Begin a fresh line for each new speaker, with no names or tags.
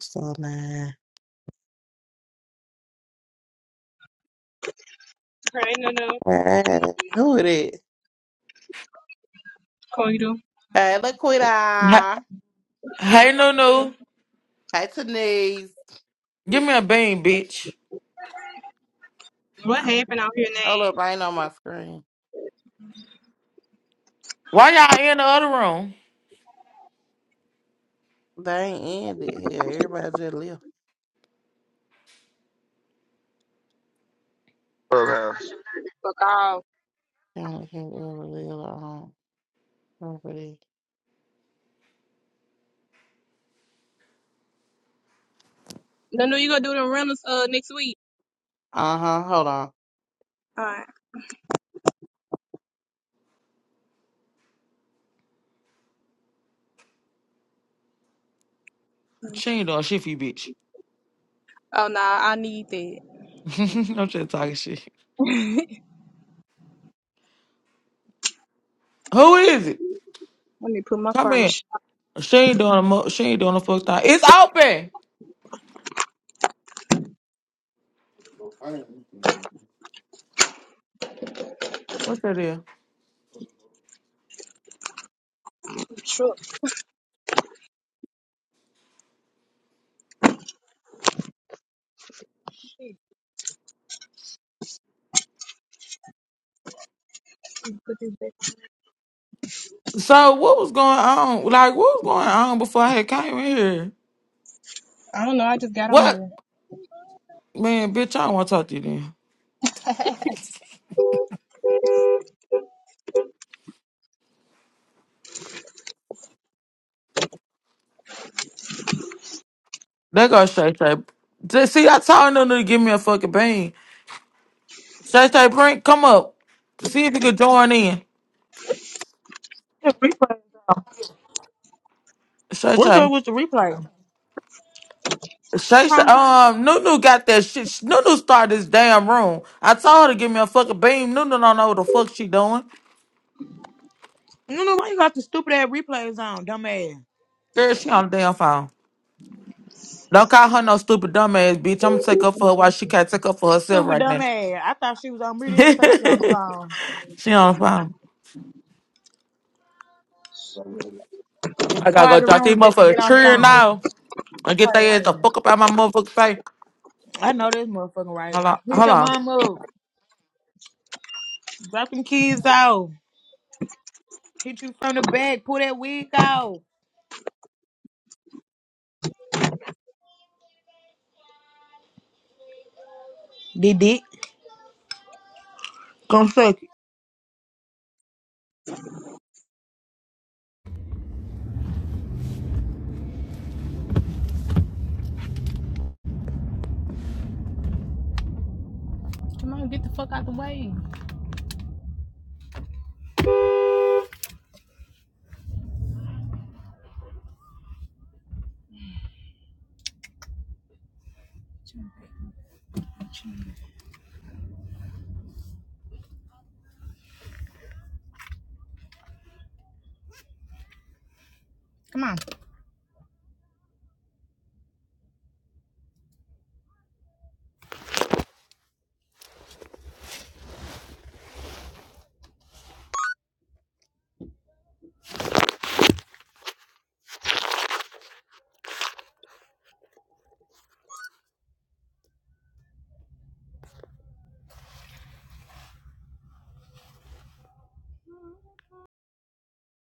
So nah.
Hey, Nunu.
Alright, Who it is?
Koido.
Hey,
H-
Laquita.
Hey, Nunu,
Hey, Tanise.
give me a bean, bitch.
What happened out here now?
Hold up, I ain't on my screen.
Why y'all in the other room?
They ain't ended here. Everybody just left.
Clubhouse.
Oh,
Uh
Nunu, you gonna do the rentals uh next week?
huh. Hold on.
All right.
She ain't doing shit for you, bitch.
Oh nah, I need that.
I'm just talking shit. Who is it?
Let me put my
Come
car in the
in.
sh-
She ain't doing a mo- she ain't doing a fuck thing. It's open. What's that there?
truck. Put this back.
So what was going on? Like what was going on before I had came in here?
I don't know. I just got on
What
here.
man, bitch? I don't want to talk to you then. That go Shay Shay. Just- See, I told Nunu to give me a fucking bean. Shay Shay, bring come up. See if you could join in.
The replays on.
Shay
What's
Shay.
up with the replay?
Shaysha,
Huh?
um, Nunu got that shit. Sh- Nunu started this damn room. I told her to give me a fucking beam. Nunu don't know what the fuck she doing.
No, no, why you got the stupid ass replays on, dumb ass?
Girl, she on the damn phone. Don't call her no stupid dumbass bitch. I'm gonna take up for her while she can't take up for herself
Stupid
right
dumb
now.
ass. I thought she was on mute. They don't say she on the phone.
she on the phone.
They
I gotta go
started the
drop these
room just to get
motherfuckers
on the
tree
phone.
now and get
Quiet
their ass the
man.
fuck up out my motherfucking face.
I know this motherfucker right.
Hold on,
Hit
hold
your
on.
mom up. Drop them kids off. Hit you from the back. Pull that wig off. Did it. Come suck it.
Come on, get the fuck out the way. Come on.